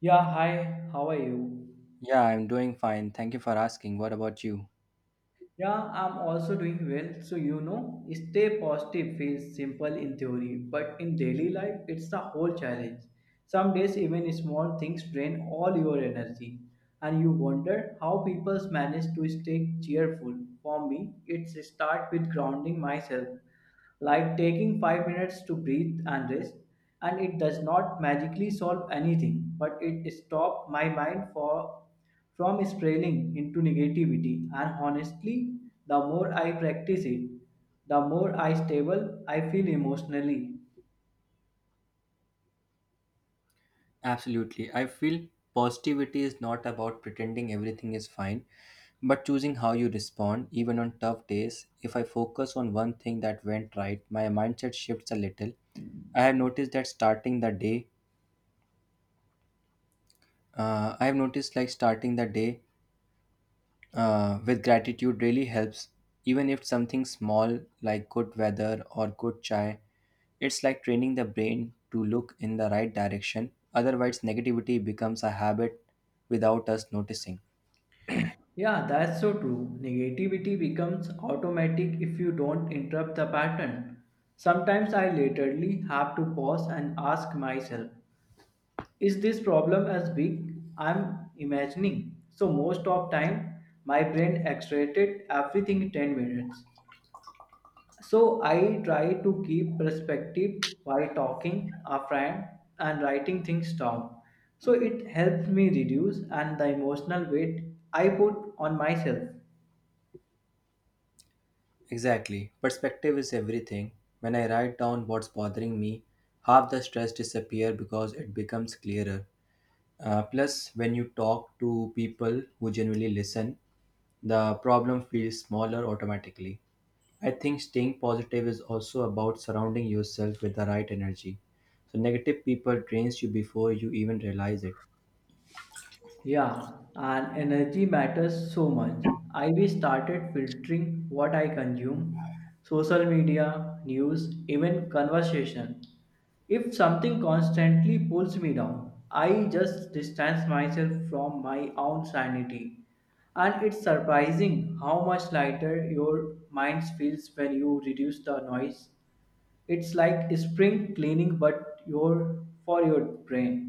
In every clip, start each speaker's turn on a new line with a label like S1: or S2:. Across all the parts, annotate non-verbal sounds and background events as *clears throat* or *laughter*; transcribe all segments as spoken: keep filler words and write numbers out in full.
S1: Yeah, hi, how are you?
S2: Yeah, I'm doing fine. Thank you for asking. What about you?
S1: Yeah, I'm also doing well. So, you know, stay positive feels simple in theory, but in daily life, it's the whole challenge. Some days, even small things drain all your energy, and you wonder how people manage to stay cheerful. For me, it's start with grounding myself, like taking five minutes to breathe and rest. And it does not magically solve anything, but it stops my mind for from spiraling into negativity, and honestly the more I practice it, the more I stable, I feel emotionally.
S2: Absolutely. I feel positivity is not about pretending everything is fine, but choosing how you respond, even on tough days. If I focus on one thing that went right, my mindset shifts a little. I have noticed that starting the day, uh, I have noticed like starting the day uh, with gratitude really helps, even if something small like good weather or good chai. It's like training the brain to look in the right direction, otherwise negativity becomes a habit without us noticing.
S1: Yeah, that's so true. Negativity becomes automatic if you don't interrupt the pattern. Sometimes I literally have to pause and ask myself, is this problem as big I'm imagining? So most of time my brain extracted everything in ten minutes. So I try to keep perspective while talking a friend and writing things down. So it helps me reduce and the emotional weight I put on myself.
S2: Exactly, perspective is everything. When I write down what's bothering me, half the stress disappears because it becomes clearer. Uh, plus when you talk to people who genuinely listen, the problem feels smaller automatically. I think staying positive is also about surrounding yourself with the right energy. So negative people drains you before you even realize it.
S1: Yeah, and energy matters so much. I we started filtering what I consume, social media, news, even conversation. If something constantly pulls me down, I just distance myself from my own sanity. And it's surprising how much lighter your mind feels when you reduce the noise. It's like spring cleaning but your for your brain.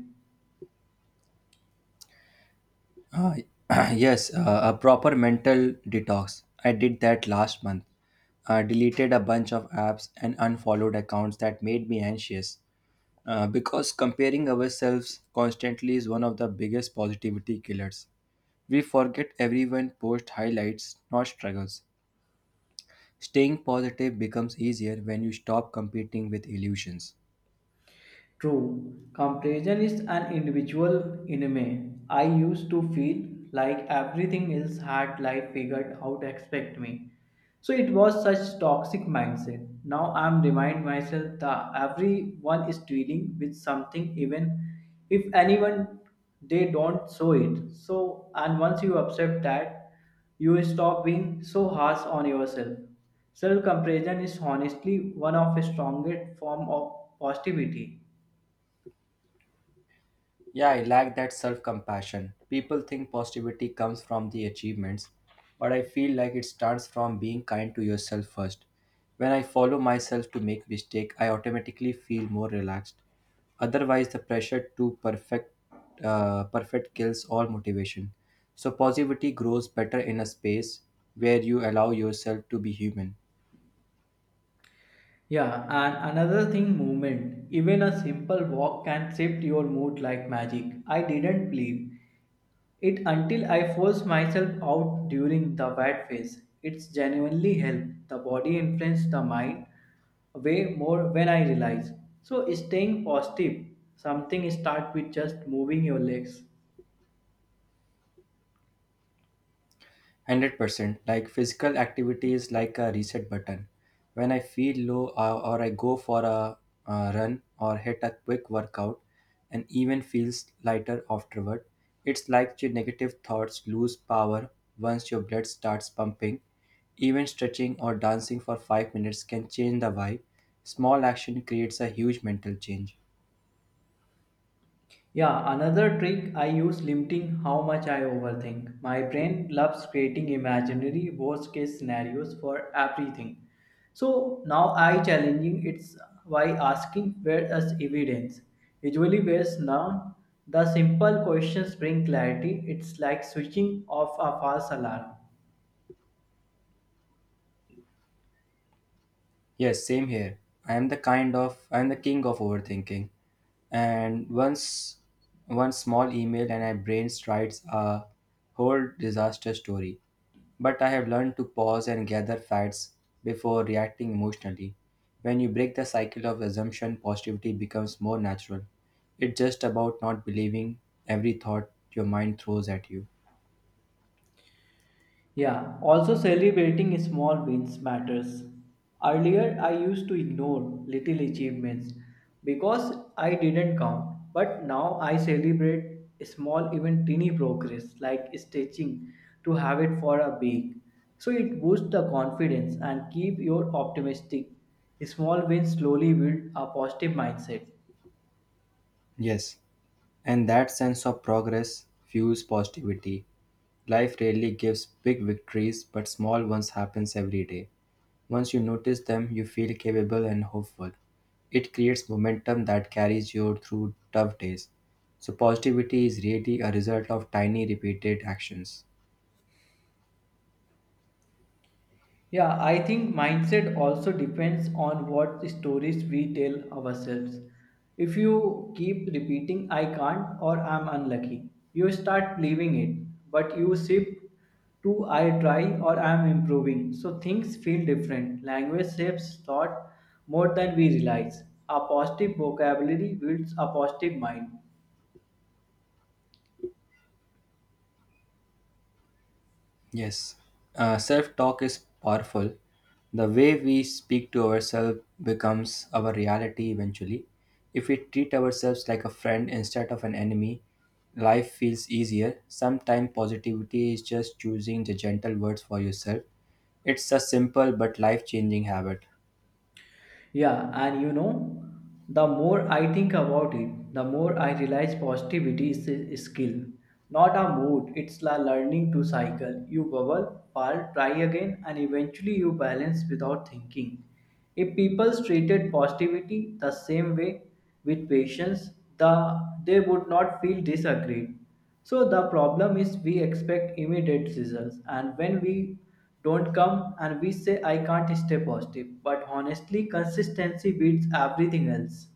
S2: Uh, *clears throat* yes, uh, a proper mental detox. I did that last month. I deleted a bunch of apps and unfollowed accounts that made me anxious. Uh, because comparing ourselves constantly is one of the biggest positivity killers. We forget everyone posts highlights, not struggles. Staying positive becomes easier when you stop competing with illusions.
S1: True, comparison is an individual enemy. I used to feel like everything else had life figured out expect me. So it was such toxic mindset. Now I'm remind myself that everyone is dealing with something, even if anyone they don't show it. So and once you accept that, you stop being so harsh on yourself. Self comparison is honestly one of the strongest form of positivity.
S2: Yeah, I lack that self compassion. People think positivity comes from the achievements, but I feel like it starts from being kind to yourself first. When I follow myself to make mistake, I automatically feel more relaxed. Otherwise, the pressure to perfect uh, perfect kills all motivation. So positivity grows better in a space where you allow yourself to be human.
S1: Yeah, and another thing, movement. Even a simple walk can shift your mood like magic. I didn't believe it until I forced myself out during the wet phase. It's genuinely helped. The body influences the mind way more when I realize. So staying positive, something start with just moving your legs.
S2: one hundred percent like physical activity is like a reset button. When I feel low, or, or I go for a, uh run or hit a quick workout, and even feels lighter afterward. It's like your negative thoughts lose power once your blood starts pumping. Even stretching or dancing for five minutes can change the vibe. Small action creates a huge mental change.
S1: Yeah, another trick I use limiting how much I overthink. My brain loves creating imaginary worst case scenarios for everything. So now I challenging it's by asking where is evidence. Usually where's none. The simple questions bring clarity. It's like switching off a false alarm.
S2: Yes, same here. I am the kind of I am the king of overthinking. And once one small email, and my brain writes a whole disaster story. But I have learned to pause and gather facts before reacting emotionally. When you break the cycle of assumption, positivity becomes more natural. It's just about not believing every thought your mind throws at you.
S1: Yeah, also celebrating small wins matters. Earlier, I used to ignore little achievements because I didn't count. But now I celebrate small, even tiny progress like stitching to have it for a week. So it boosts the confidence and keep your optimistic. Small wins slowly build a positive mindset.
S2: Yes, and that sense of progress fuels positivity. Life rarely gives big victories, but small ones happens every day. Once you notice them, you feel capable and hopeful. It creates momentum that carries you through tough days. So positivity is really a result of tiny repeated actions.
S1: Yeah, I think mindset also depends on what stories we tell ourselves. If you keep repeating, I can't or I'm unlucky, you start believing it, but you shift to I try or I'm improving. So things feel different. Language shapes thought more than we realize. A positive vocabulary builds a positive mind.
S2: Yes, uh, self talk is powerful. The way we speak to ourselves becomes our reality eventually. If we treat ourselves like a friend instead of an enemy, life feels easier. Sometimes positivity is just choosing the gentle words for yourself. It's a simple but life changing habit.
S1: Yeah, and you know, the more I think about it, the more I realize positivity is a skill, not a mood. It's like learning to cycle. You bubble, fall, try again, and eventually you balance without thinking. If people treated positivity the same way, with patience, the they would not feel disagreed. So the problem is we expect immediate results, and when we don't come and we say I can't stay positive, but honestly consistency beats everything else.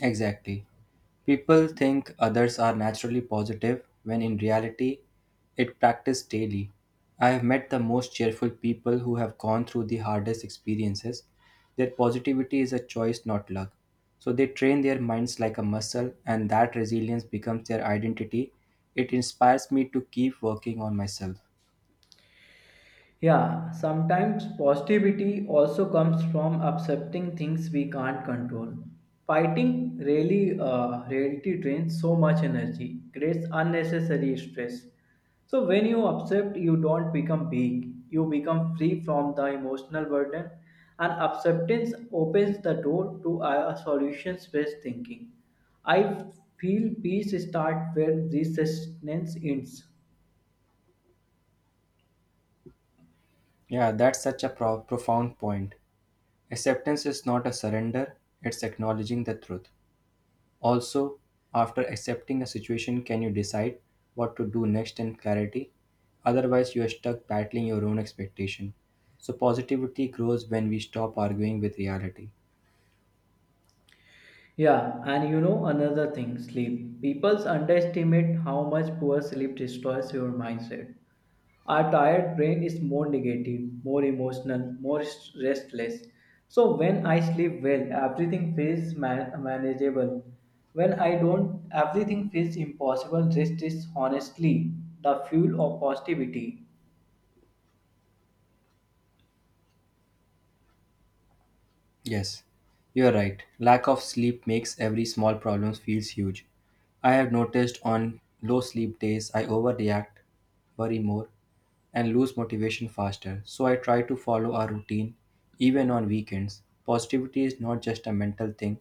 S2: Exactly. People think others are naturally positive when in reality it practiced daily. I have met the most cheerful people who have gone through the hardest experiences. Their positivity is a choice, not luck. So they train their minds like a muscle, and that resilience becomes their identity. It inspires me to keep working on myself.
S1: Yeah, sometimes positivity also comes from accepting things we can't control. Fighting really, uh, reality drains so much energy, creates unnecessary stress. So when you accept, you don't become weak. You become free from the emotional burden, and acceptance opens the door to a solutions-based thinking. I feel peace starts where resistance ends.
S2: Yeah, that's such a pro- profound point. Acceptance is not a surrender, it's acknowledging the truth. Also, after accepting a situation, can you decide what to do next in clarity? Otherwise, you are stuck battling your own expectation. So, positivity grows when we stop arguing with reality.
S1: Yeah, and you know another thing, sleep. People underestimate how much poor sleep destroys your mindset. Our tired brain is more negative, more emotional, more s- restless. So when I sleep well, everything feels man- manageable. When I don't, everything feels impossible. Rest is honestly the fuel of positivity.
S2: Yes, you are right. Lack of sleep makes every small problem feels huge. I have noticed on low sleep days, I overreact, worry more, and lose motivation faster. So I try to follow a routine even on weekends. Positivity is not just a mental thing,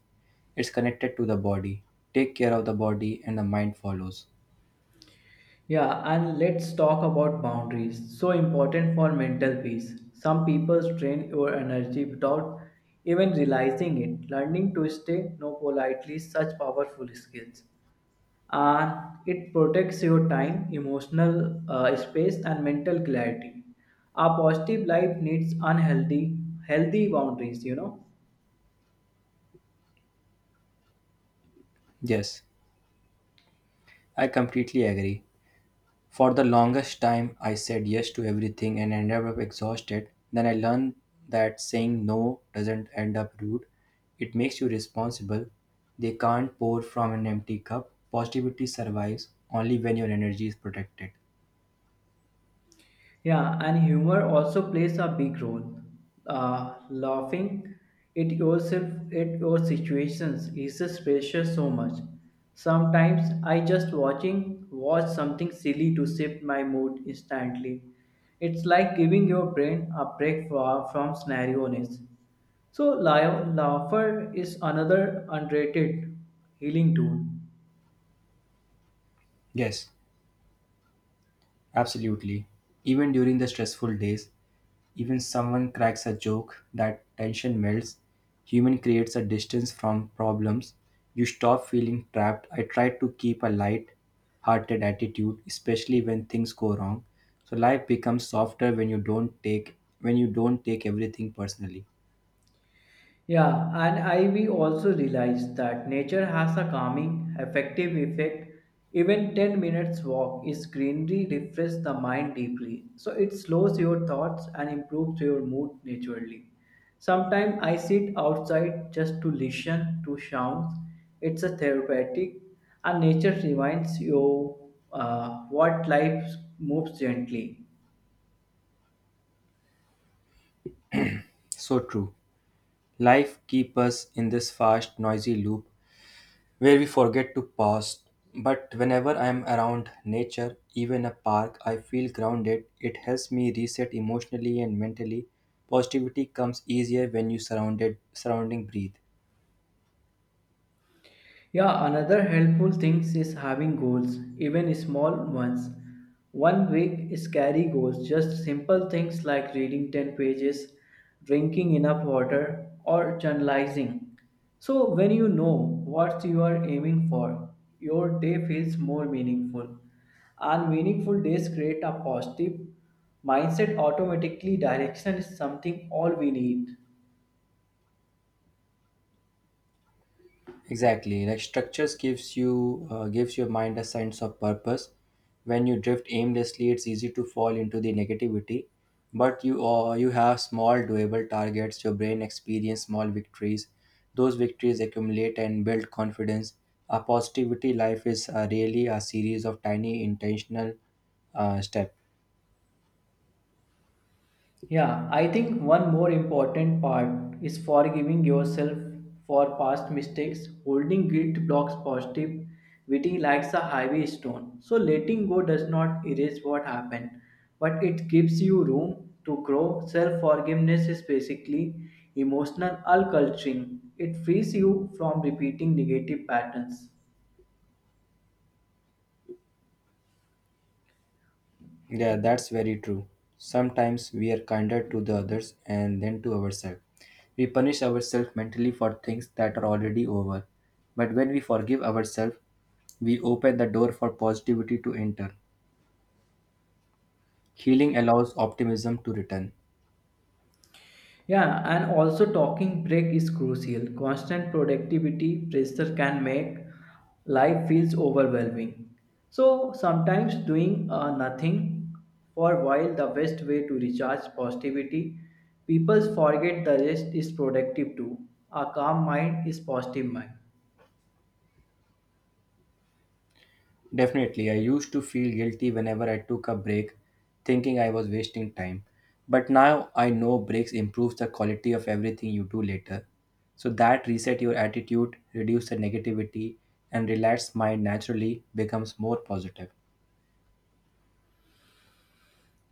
S2: it's connected to the body. Take care of the body and the mind follows.
S1: Yeah, and let's talk about boundaries. So important for mental peace. Some people strain your energy without even realizing it. Learning to say no politely is such powerful skills. And it protects your time, emotional uh, space, and mental clarity. A positive life needs unhealthy, healthy boundaries, you know.
S2: Yes, I completely agree. For the longest time, I said yes to everything and ended up exhausted. Then I learned that saying no doesn't end up rude, it makes you responsible. They can't pour from an empty cup. Positivity survives only when your energy is protected.
S1: Yeah, and humor also plays a big role. Uh, laughing at yourself, at your situations, eases pressure so much. Sometimes I just watching watch something silly to shift my mood instantly. It's like giving your brain a break fro- from scenarioness. So, lau- laughter is another underrated healing tool.
S2: Yes, absolutely. Even during the stressful days, even someone cracks a joke, that tension melts. Human creates a distance from problems. You stop feeling trapped. I try to keep a light hearted attitude, especially when things go wrong. So life becomes softer when you don't take when you don't take everything personally.
S1: Yeah, and I we also realized that nature has a calming, effective effect. Even ten minutes walk is greenery refresh the mind deeply. So it slows your thoughts and improves your mood naturally. Sometimes I sit outside just to listen to sounds. It's a therapeutic, and nature reminds you uh, what life moves gently.
S2: So true. Life keeps us in this fast, noisy loop where we forget to pause. But whenever I am around nature, even a park, I feel grounded. It helps me reset emotionally and mentally. Positivity comes easier when you surrounded surrounding breathe.
S1: Yeah, another helpful thing is having goals, even small ones. One week scary goals, just simple things like reading ten pages, drinking enough water, or journalizing. So, when you know what you are aiming for, your day feels more meaningful. And meaningful days create a positive mindset automatically. Direction is something all we need.
S2: Exactly, like structures gives you uh, gives your mind a sense of purpose. When you drift aimlessly, it's easy to fall into the negativity. But you uh, you have small doable targets. Your brain experience small victories. Those victories accumulate and build confidence. A positivity life is uh, really a series of tiny intentional uh, steps.
S1: Yeah, I think one more important part is forgiving yourself for past mistakes. Holding guilt blocks positive witty likes a heavy stone. So letting go does not erase what happened, but it gives you room to grow. Self forgiveness is basically emotional alculturing. It frees you from repeating negative patterns.
S2: Yeah, that's very true. Sometimes we are kinder to the others and then to ourselves. We punish ourselves mentally for things that are already over. But when we forgive ourselves, we open the door for positivity to enter. Healing allows optimism to return.
S1: Yeah, and also talking break is crucial. Constant productivity pressure can make life feels overwhelming. So sometimes doing uh, nothing for a while the best way to recharge positivity. People forget the rest is productive too. A calm mind is positive mind.
S2: Definitely, I used to feel guilty whenever I took a break, thinking I was wasting time. But now I know breaks improves the quality of everything you do later. So that reset your attitude, reduce the negativity, and relaxed mind naturally becomes more positive.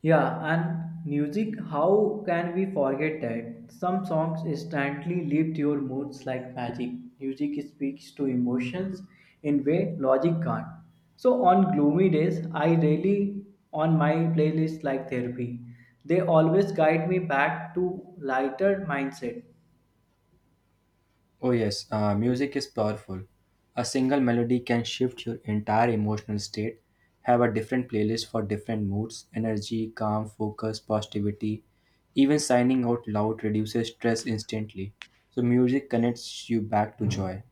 S1: Yeah, and music, how can we forget that? Some songs instantly lift your moods like magic. Music speaks to emotions in way logic can't. So on gloomy days, I really on my playlist like therapy. They always guide me back to lighter mindset.
S2: Oh, yes, uh, music is powerful. A single melody can shift your entire emotional state. Have a different playlist for different moods energy, calm, focus, positivity. Even signing out loud reduces stress instantly. So, music connects you back to joy.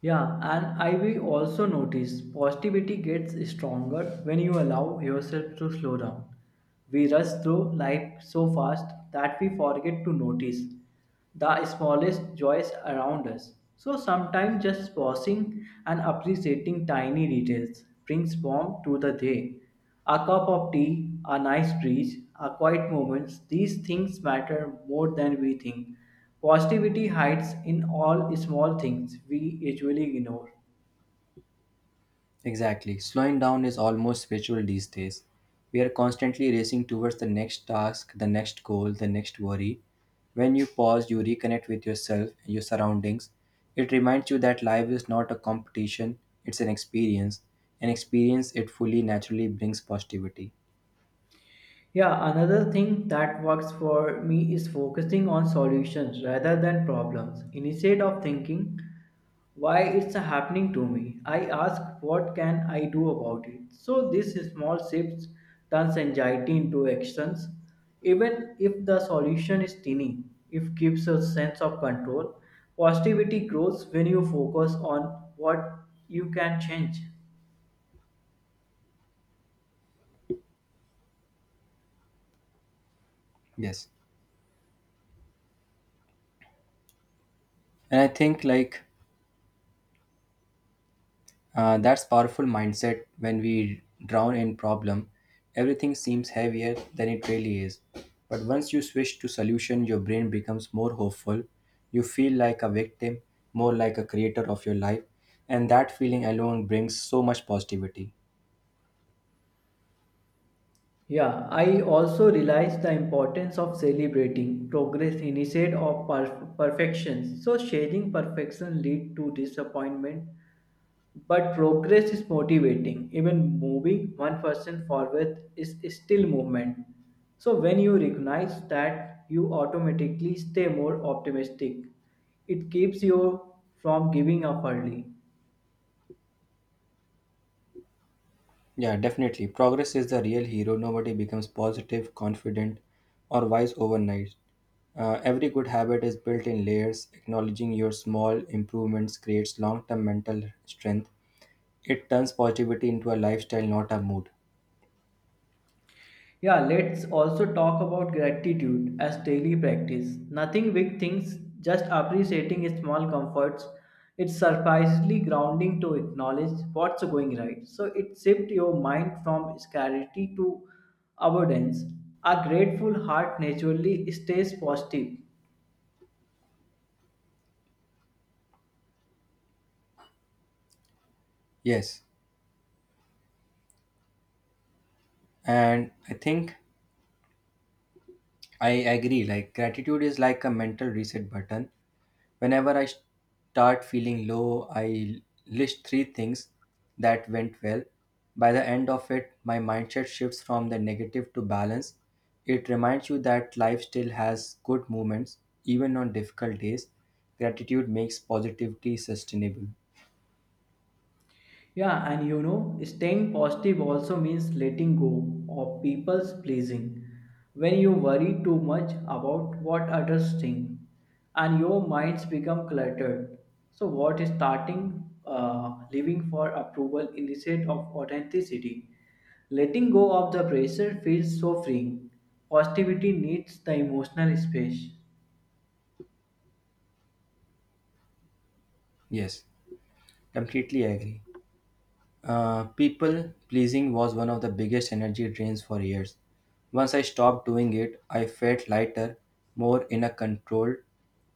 S1: Yeah, and I will also notice positivity gets stronger when you allow yourself to slow down. We rush through life so fast that we forget to notice the smallest joys around us. So sometimes just pausing and appreciating tiny details brings warmth to the day. A cup of tea, a nice breeze, a quiet moments, these things matter more than we think. Positivity hides in all small things we usually ignore.
S2: Exactly. Slowing down is almost spiritual these days. We are constantly racing towards the next task, the next goal, the next worry. When you pause, you reconnect with yourself and your surroundings. It reminds you that life is not a competition, it's an experience. An experience it fully naturally brings positivity.
S1: Yeah, another thing that works for me is focusing on solutions rather than problems. Instead of thinking why it's happening to me, I ask what can I do about it. So this small shifts turns anxiety into actions, even if the solution is tiny. It gives a sense of control. Positivity grows when you focus on what you can change.
S2: Yes. And I think like Uh, that's powerful mindset when we drown in problem. Everything seems heavier than it really is. But once you switch to solution, your brain becomes more hopeful. You feel like a victim, more like a creator of your life. And that feeling alone brings so much positivity.
S1: Yeah, I also realized the importance of celebrating progress instead of per- perfection. So chasing perfection lead to disappointment, but progress is motivating. Even moving one person forward is still movement. So when you recognize that, you automatically stay more optimistic. It keeps you from giving up early.
S2: Yeah, definitely. Progress is the real hero. Nobody becomes positive, confident, or wise overnight. Uh, every good habit is built in layers. Acknowledging your small improvements creates long term mental strength. It turns positivity into a lifestyle, not a mood.
S1: Yeah, let's also talk about gratitude as daily practice. Nothing big things, just appreciating small comforts. It's surprisingly grounding to acknowledge what's going right. So it shifts your mind from scarcity to abundance. A grateful heart naturally stays positive.
S2: Yes, and i think i agree like gratitude is like a mental reset button. Whenever I start feeling low, I list three things that went well. By the end of it, my mindset shifts from the negative to balance. It reminds you that life still has good moments, even on difficult days. Gratitude makes positivity sustainable.
S1: Yeah, and you know, staying positive also means letting go of people's pleasing. When you worry too much about what others think, and your minds become cluttered, so what is starting uh, living for approval instead of authenticity? Letting go of the pressure feels so freeing. Positivity needs the emotional space.
S2: Yes, completely agree. Uh, people pleasing was one of the biggest energy drains for years. Once I stopped doing it, I felt lighter, more in a control,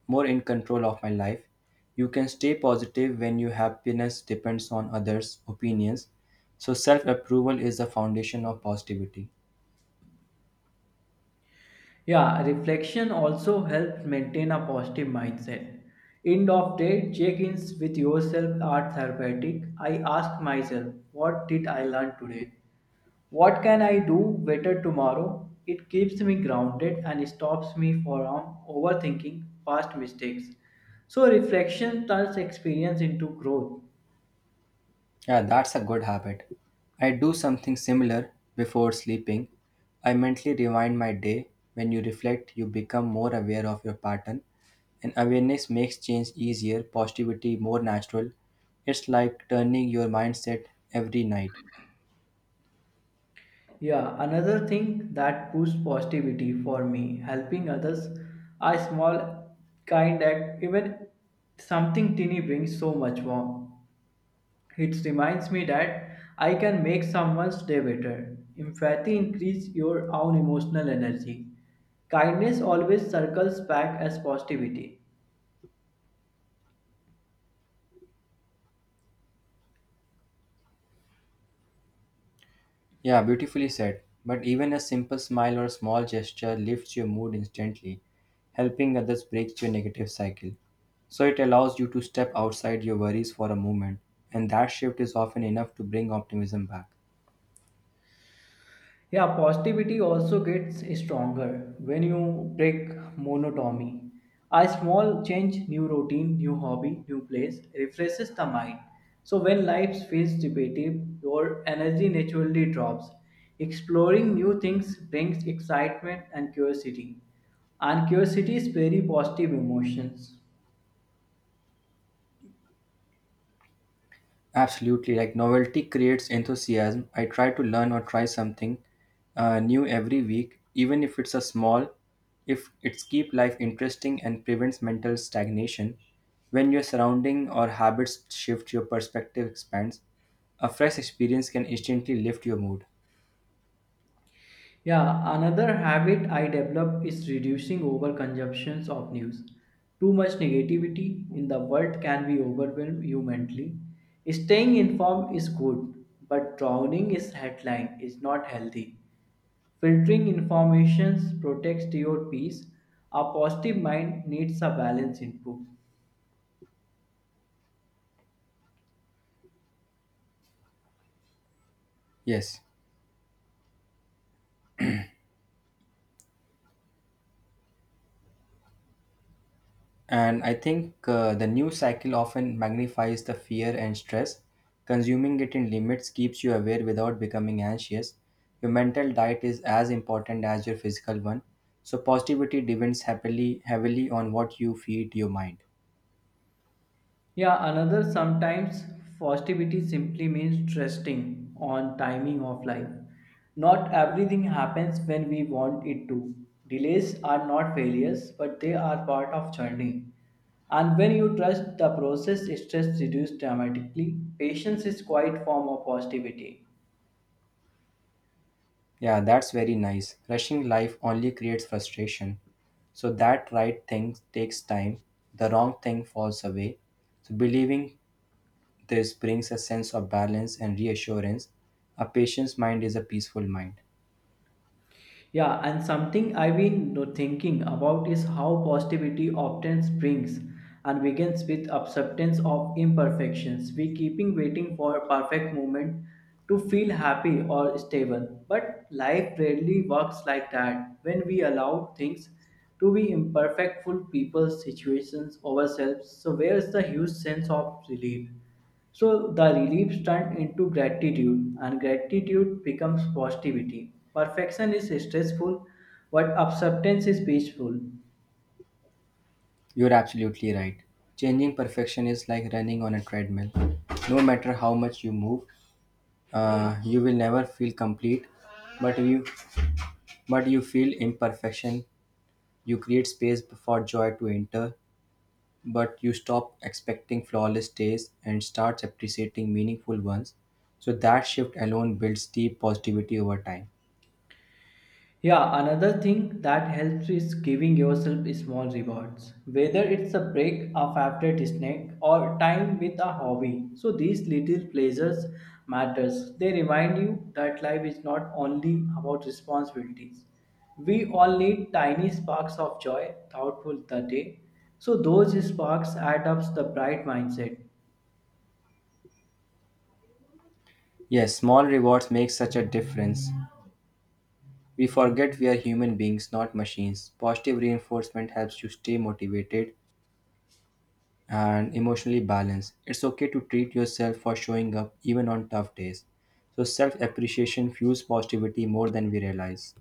S2: more in control of my life. You can stay positive when your happiness depends on others' opinions. So self-approval is the foundation of positivity.
S1: Yeah, reflection also helps maintain a positive mindset. End of day, check-ins with yourself are therapeutic. I ask myself, what did I learn today? What can I do better tomorrow? It keeps me grounded and stops me from overthinking past mistakes. So reflection turns experience into growth.
S2: Yeah, that's a good habit. I do something similar before sleeping. I mentally rewind my day. When you reflect, you become more aware of your pattern, and awareness makes change easier, positivity more natural. It's like turning your mindset every night.
S1: Yeah, another thing that boosts positivity for me, helping others, a small kind act, even something tiny brings so much warmth. It reminds me that I can make someone's day better. Empathy increases your own emotional energy. Kindness always circles back as positivity.
S2: Yeah, beautifully said. But even a simple smile or small gesture lifts your mood instantly, helping others break your negative cycle. So it allows you to step outside your worries for a moment, and that shift is often enough to bring optimism back.
S1: Yeah, positivity also gets stronger when you break monotony. A small change, new routine, new hobby, new place refreshes the mind. So when life feels repetitive, your energy naturally drops. Exploring new things brings excitement and curiosity. And curiosity is very positive emotions.
S2: Absolutely, like novelty creates enthusiasm. I try to learn or try something uh, new every week, even if it's a small, if it's keep life interesting and prevents mental stagnation. When your surrounding or habits shift, your perspective expands. A fresh experience can instantly lift your mood.
S1: Yeah, another habit I developed is reducing overconsumptions of news. Too much negativity in the world can be overwhelm you mentally. Staying informed is good, but drowning is headline is not healthy. Filtering information protects your peace. A positive mind needs a balanced input.
S2: Yes. And I think uh, the news cycle often magnifies the fear and stress. Consuming it in limits keeps you aware without becoming anxious. Your mental diet is as important as your physical one. So positivity depends happily heavily on what you feed your mind.
S1: Yeah, another sometimes positivity simply means trusting on timing of life. Not everything happens when we want it to. Delays are not failures, but they are part of journey. And when you trust the process, stress reduces dramatically. Patience is quite form of positivity.
S2: Yeah, that's very nice. Rushing life only creates frustration. So that right thing takes time, the wrong thing falls away. So believing this brings a sense of balance and reassurance. A patient's mind is a peaceful mind.
S1: Yeah, and something I've been no- thinking about is how positivity often springs and begins with acceptance of imperfections. We keeping waiting for a perfect moment to feel happy or stable, but life rarely works like that. When we allow things to be imperfect, full people, situations, ourselves, so where's the huge sense of relief? So the reliefs turn into gratitude, and gratitude becomes positivity. Perfection is stressful, but acceptance is peaceful.
S2: You're absolutely right. Changing perfection is like running on a treadmill. No matter how much you move, uh, you will never feel complete. But you, but you feel imperfection. You create space for joy to enter. But you stop expecting flawless days and starts appreciating meaningful ones. So that shift alone builds deep positivity over time.
S1: Yeah, another thing that helps is giving yourself small rewards, whether it's a break, a favorite snack, or time with a hobby. So these little pleasures matters. They remind you that life is not only about responsibilities. We all need tiny sparks of joy, thoughtful the day. So those sparks add up the bright mindset.
S2: Yes, small rewards make such a difference. We forget we are human beings, not machines. Positive reinforcement helps you stay motivated and emotionally balanced. It's okay to treat yourself for showing up even on tough days. So, self appreciation fuels positivity more than we realize.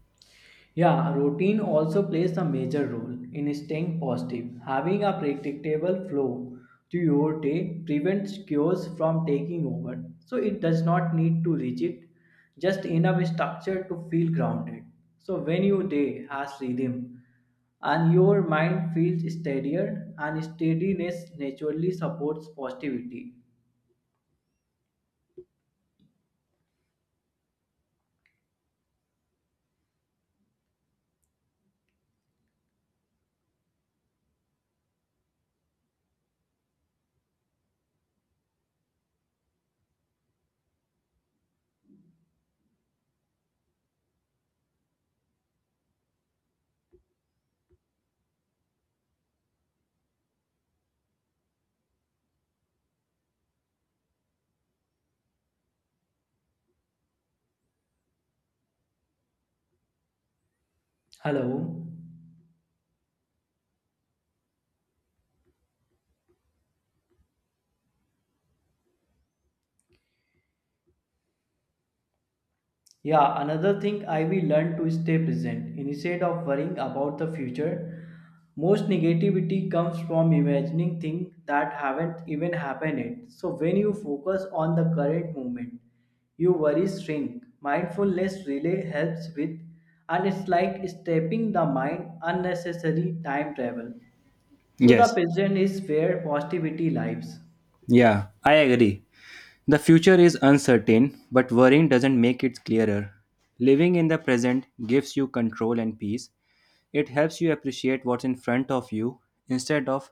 S1: Yeah, routine also plays a major role in staying positive. Having a predictable flow to your day prevents chaos from taking over. So it does not need to rigid, just enough structure to feel grounded. So when your day has rhythm and your mind feels steadier and steadiness naturally supports positivity. Hello. Yeah, another thing I will learn to stay present instead of worrying about the future. Most negativity comes from imagining things that haven't even happened yet. So when you focus on the current moment, your worries shrink. Mindfulness really helps with, and it's like stepping the mind unnecessary time travel. So the
S2: Yes,
S1: present is where positivity lives.
S2: yeah, I agree. The future is uncertain, but worrying doesn't make it clearer. Living in the present gives you control and peace. It helps you appreciate what's in front of you instead of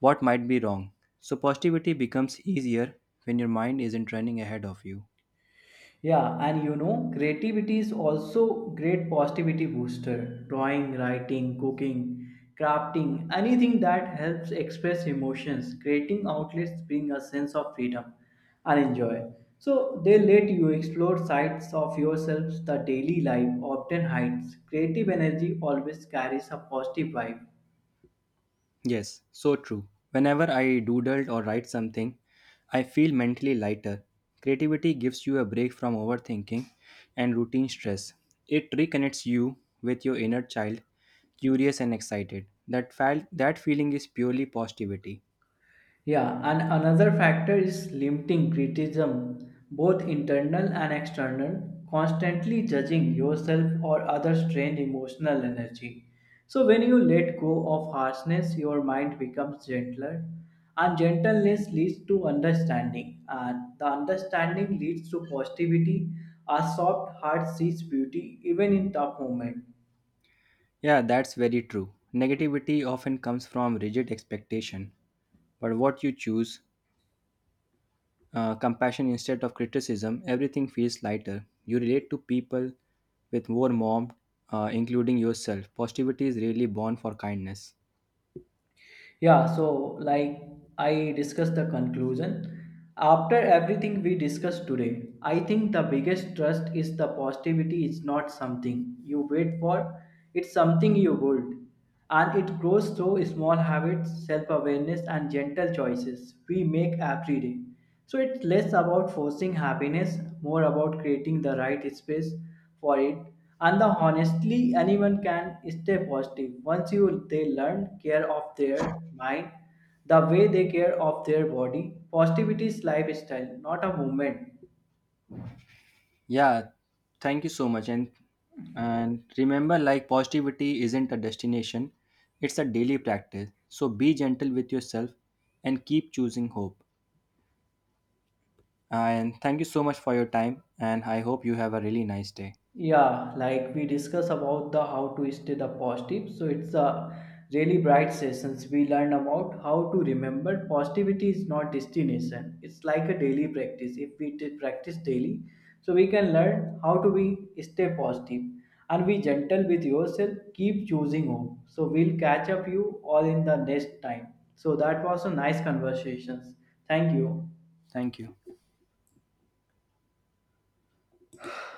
S2: what might be wrong. So, positivity becomes easier when your mind isn't running ahead of you.
S1: Yeah, and you know, creativity is also great positivity booster. Drawing, writing, cooking, crafting, anything that helps express emotions, creating outlets bring a sense of freedom and enjoy. So they let you explore sides of yourselves the daily life often hides. Creative energy always carries a positive vibe.
S2: Yes, so true. Whenever I doodled or write something, I feel mentally lighter. Creativity gives you a break from overthinking and routine stress. It reconnects you with your inner child, curious and excited. That felt that feeling is purely positivity.
S1: Yeah, and another factor is limiting criticism, both internal and external, constantly judging yourself or others drain emotional energy. So, when you let go of harshness, your mind becomes gentler, and gentleness leads to understanding, and the understanding leads to positivity. A soft heart sees beauty even in tough moments.
S2: Yeah, that's very true. Negativity often comes from rigid expectation, but what you choose uh, compassion instead of criticism, everything feels lighter. You relate to people with more warmth, uh, including yourself. Positivity is really born for kindness.
S1: Yeah, so like I discussed the conclusion. After everything we discussed today, I think the biggest trust is the positivity is not something you wait for, it's something you build. And it grows through small habits, self awareness, and gentle choices we make every day. So it's less about forcing happiness, more about creating the right space for it. And the honestly, anyone can stay positive once you they learn care of their mind, the way they care of their body. Positivity is lifestyle, not a movement.
S2: Yeah, thank you so much. And and remember, like positivity isn't a destination; it's a daily practice. So be gentle with yourself and keep choosing hope. And thank you so much for your time. And I hope you have a really nice day.
S1: Yeah, like we discuss about the how to stay the positive. So it's a really bright sessions. We learn about how to remember positivity is not destination. It's like a daily practice. If we did practice daily, so we can learn how to be stay positive and be gentle with yourself. Keep choosing hope. So we'll catch up you all in the next time. So that was a nice conversations. Thank you.
S2: Thank you.